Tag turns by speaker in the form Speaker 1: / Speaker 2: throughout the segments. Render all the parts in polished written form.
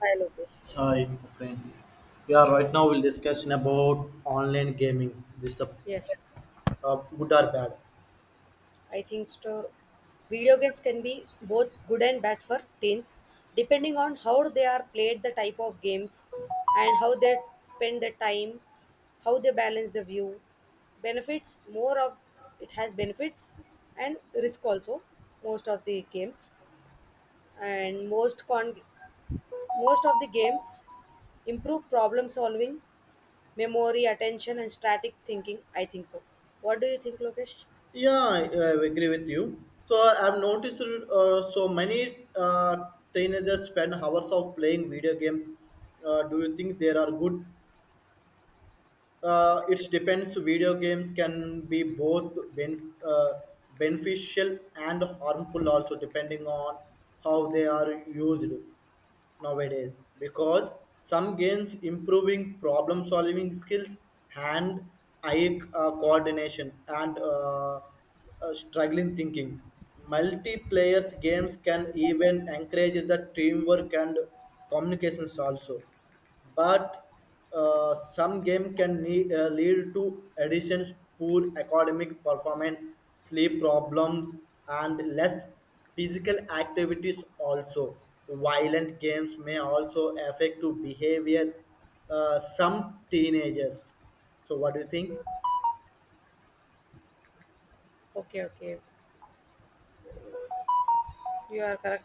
Speaker 1: Hi Lokesh.
Speaker 2: Hi, my friend. Yeah, right now we'll discussing about online gaming. This is the
Speaker 1: Yes,
Speaker 2: yes. Good or bad?
Speaker 1: I think store video games can be both good and bad for teens, depending on how they are played, the type of games, and how they spend their time, how they balance the view. Benefits more of It has benefits and risk also. Most of the games and most con Most of the games improve problem solving, memory, attention, and static thinking, I think so. What do you think, Lokesh?
Speaker 2: Yeah, I agree with you. So I've noticed so many teenagers spend hours of playing video games. Do you think there are good. It depends. Video games can be both beneficial and harmful, also depending on how they are used nowadays. Because some games improving problem solving skills, hand eye coordination, and struggling thinking. Multiplayer games can even encourage the teamwork and communications also, but some game can lead to additions, poor academic performance, sleep problems, and less physical activities. Also, violent games may also affect to behavior some teenagers. So, what do you think?
Speaker 1: Okay, okay. You are correct,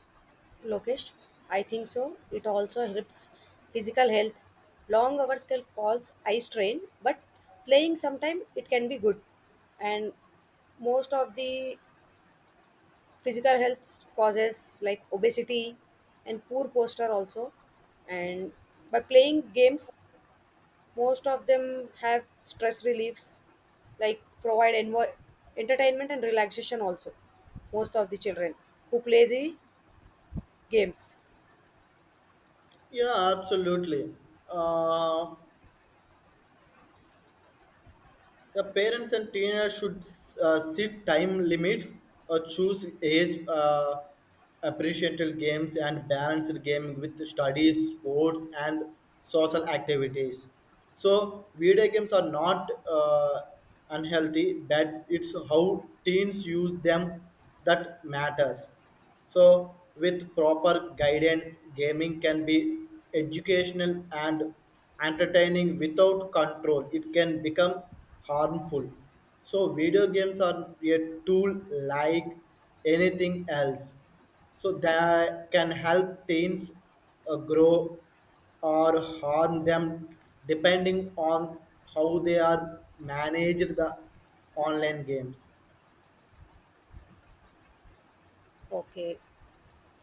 Speaker 1: Lokesh. I think so. It also helps physical health. Long hours can cause eye strain, but playing sometime it can be good. And most of the physical health causes like obesity and poor posture also. And by playing games, most of them have stress reliefs, like provide entertainment and relaxation also, most of the children who play the games.
Speaker 2: Yeah, absolutely. Uh, The parents and teenagers should set time limits or choose age appreciated games and balance gaming with studies, sports, and social activities. So, video games are not unhealthy, but it's how teens use them that matters. So, with proper guidance, gaming can be educational and entertaining without control. It can become harmful. So, video games are a tool like anything else. So, they can help teens grow or harm them depending on how they are managed the online games.
Speaker 1: Okay,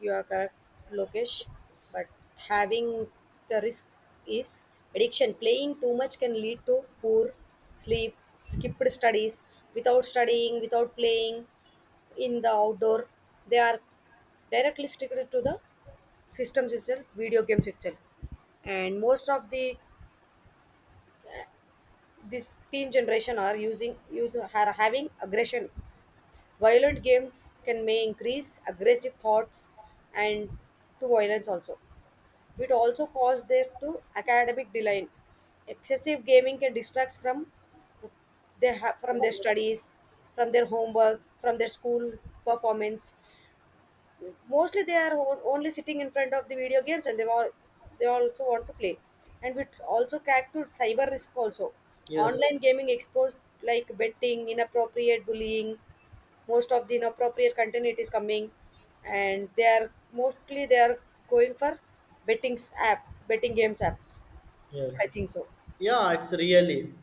Speaker 1: you are correct, Lokesh. But having the risk is addiction. Playing too much can lead to poor sleep, skipped studies, without studying, without playing in the outdoor. They are directly sticked to the systems itself, video games itself. And most of the this teen generation are using use are having aggression. Violent games can may increase aggressive thoughts and to violence also. It also causes there to academic decline. Excessive gaming can distract from they have from their studies, from their homework, from their school performance. Mostly they are only sitting in front of the video games and they also want to play. And it also act to cyber risk also.
Speaker 2: Yes.
Speaker 1: Online gaming exposed like betting, inappropriate bullying, most of the inappropriate content it is coming and they are going for betting games apps,
Speaker 2: Yes.
Speaker 1: I think so.
Speaker 2: Yeah, it's really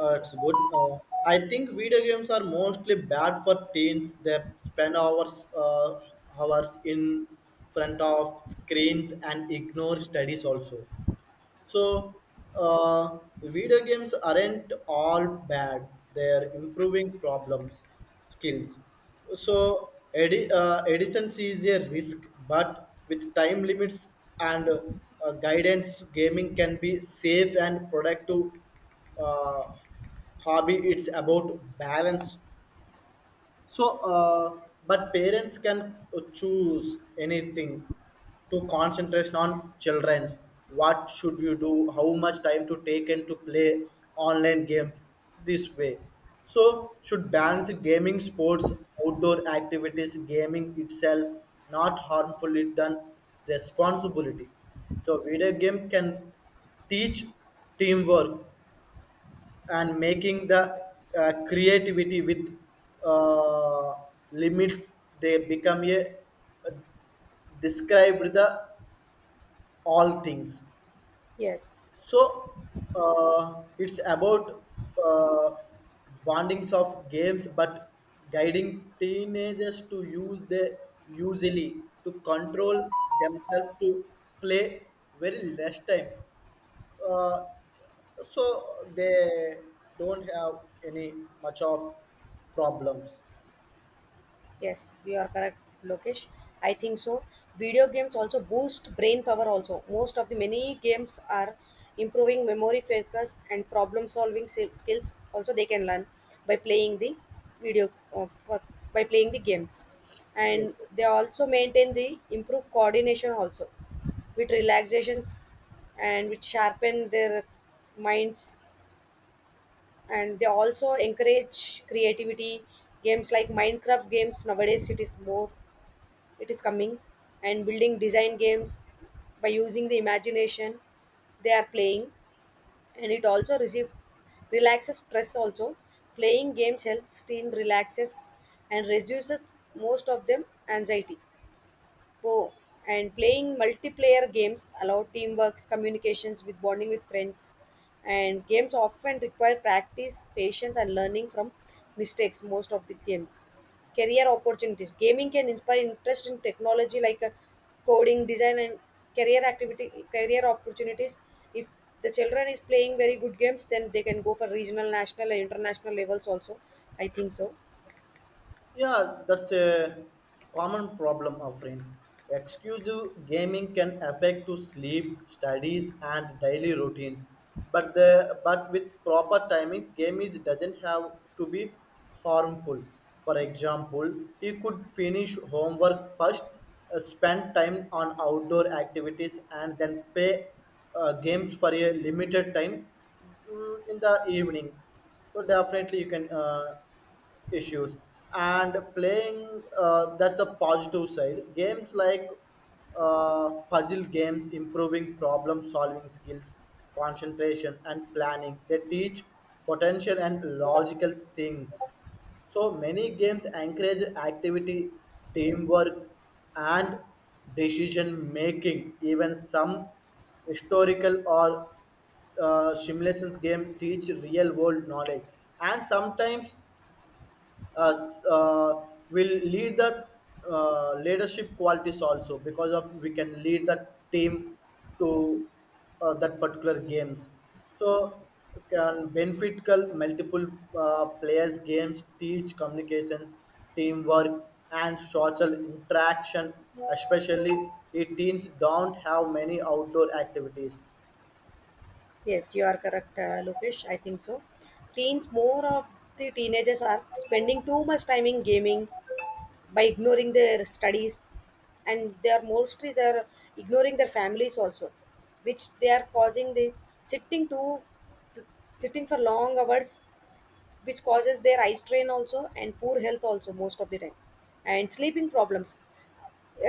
Speaker 2: it's good. I think video games are mostly bad for teens. They spend hours hours in front of screens and ignore studies also. So, video games aren't all bad. They're improving problems, skills. So, Edison sees a risk, but with time limits and guidance, gaming can be safe and productive uh, hobby. It's about balance, so, but parents can choose anything to concentration on children's. What should you do? How much time to take and to play online games this way? So, should balance gaming, sports, outdoor activities, gaming itself, not harmful it done responsibility. So, video game can teach teamwork and making the creativity with uh, limits they become a, describe the all things
Speaker 1: Yes.
Speaker 2: so it's about uh, bondings of games, but guiding teenagers to use the usually to control themselves to play very less time. Uh, so they don't have any much of problems.
Speaker 1: Yes, you are correct, Lokesh. I think so. Video games also boost brain power also. Most of the many games are improving memory focus and problem solving skills, also they can learn by playing the video uh, for- by playing the games, and they also maintain the improve coordination also with relaxations, and which sharpen their minds. And they also encourage creativity. Games like minecraft games nowadays, it is more it is coming, and building design games by using the imagination they are playing. And it also receive relaxes stress also. Playing games helps team relaxes and reduces most of them anxiety. Oh, and playing multiplayer games allow teamwork, communications with bonding with friends. And games often require practice, patience, and learning from mistakes. Most of the games, career opportunities. Gaming can inspire interest in technology like coding, design, and career opportunities. If the children is playing very good games, then they can go for regional, national, and international levels also. I think so.
Speaker 2: Yeah, that's a common problem, Afrin. Exclusive gaming can affect to sleep, studies, and daily routines. But with proper timings, gaming doesn't have to be harmful. For example, he could finish homework first, spend time on outdoor activities, and then play games for a limited time in the evening, so definitely you can issues and playing that's the positive side games like puzzle games improving problem solving skills concentration and planning they teach potential and logical things, so many games encourage activity, teamwork, and decision making. Even some historical or simulations game teach real world knowledge, and sometimes will lead the leadership qualities also because of we can lead the team to that particular games so can benefit multiple players games teach communications teamwork and social interaction especially if teens don't have many outdoor activities.
Speaker 1: Yes, you are correct, Lokesh. I think so. Teens, more of the teenagers are spending too much time in gaming by ignoring their studies, and they are mostly they're ignoring their families also, which they are causing the sitting too, sitting for long hours, which causes their eye strain also and poor health also most of the time, and sleeping problems.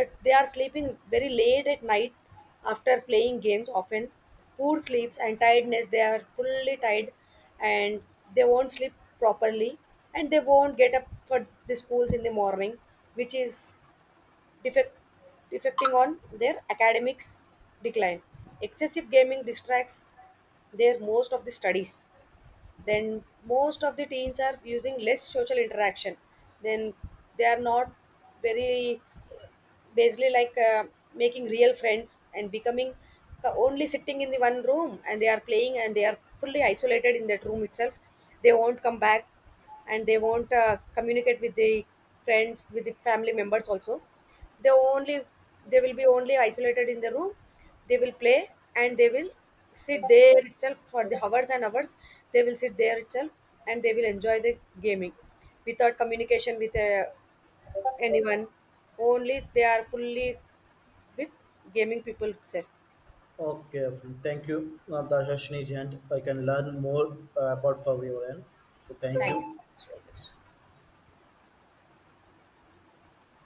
Speaker 1: They are sleeping very late at night after playing games, often poor sleeps and tiredness, they are fully tired and they won't sleep properly, and they won't get up for the schools in the morning, which is defect, defecting on their academics decline. Excessive gaming distracts their most of the studies. Then most of the teens are using less social interaction, then they are not very basically like making real friends and becoming only sitting in the one room and they are playing, and they are fully isolated in that room itself. They won't come back and they won't communicate with the friends, with the family members also. They only they will be only isolated in the room, they will play and they will sit there itself for the hours and hours. They will sit there itself and they will enjoy the gaming without communication with anyone, only they are fully with gaming people itself.
Speaker 2: Okay, thank you, Natasha Shnijant. I can learn more about for your end. So thank
Speaker 1: Thank you
Speaker 2: you.
Speaker 1: so much for this.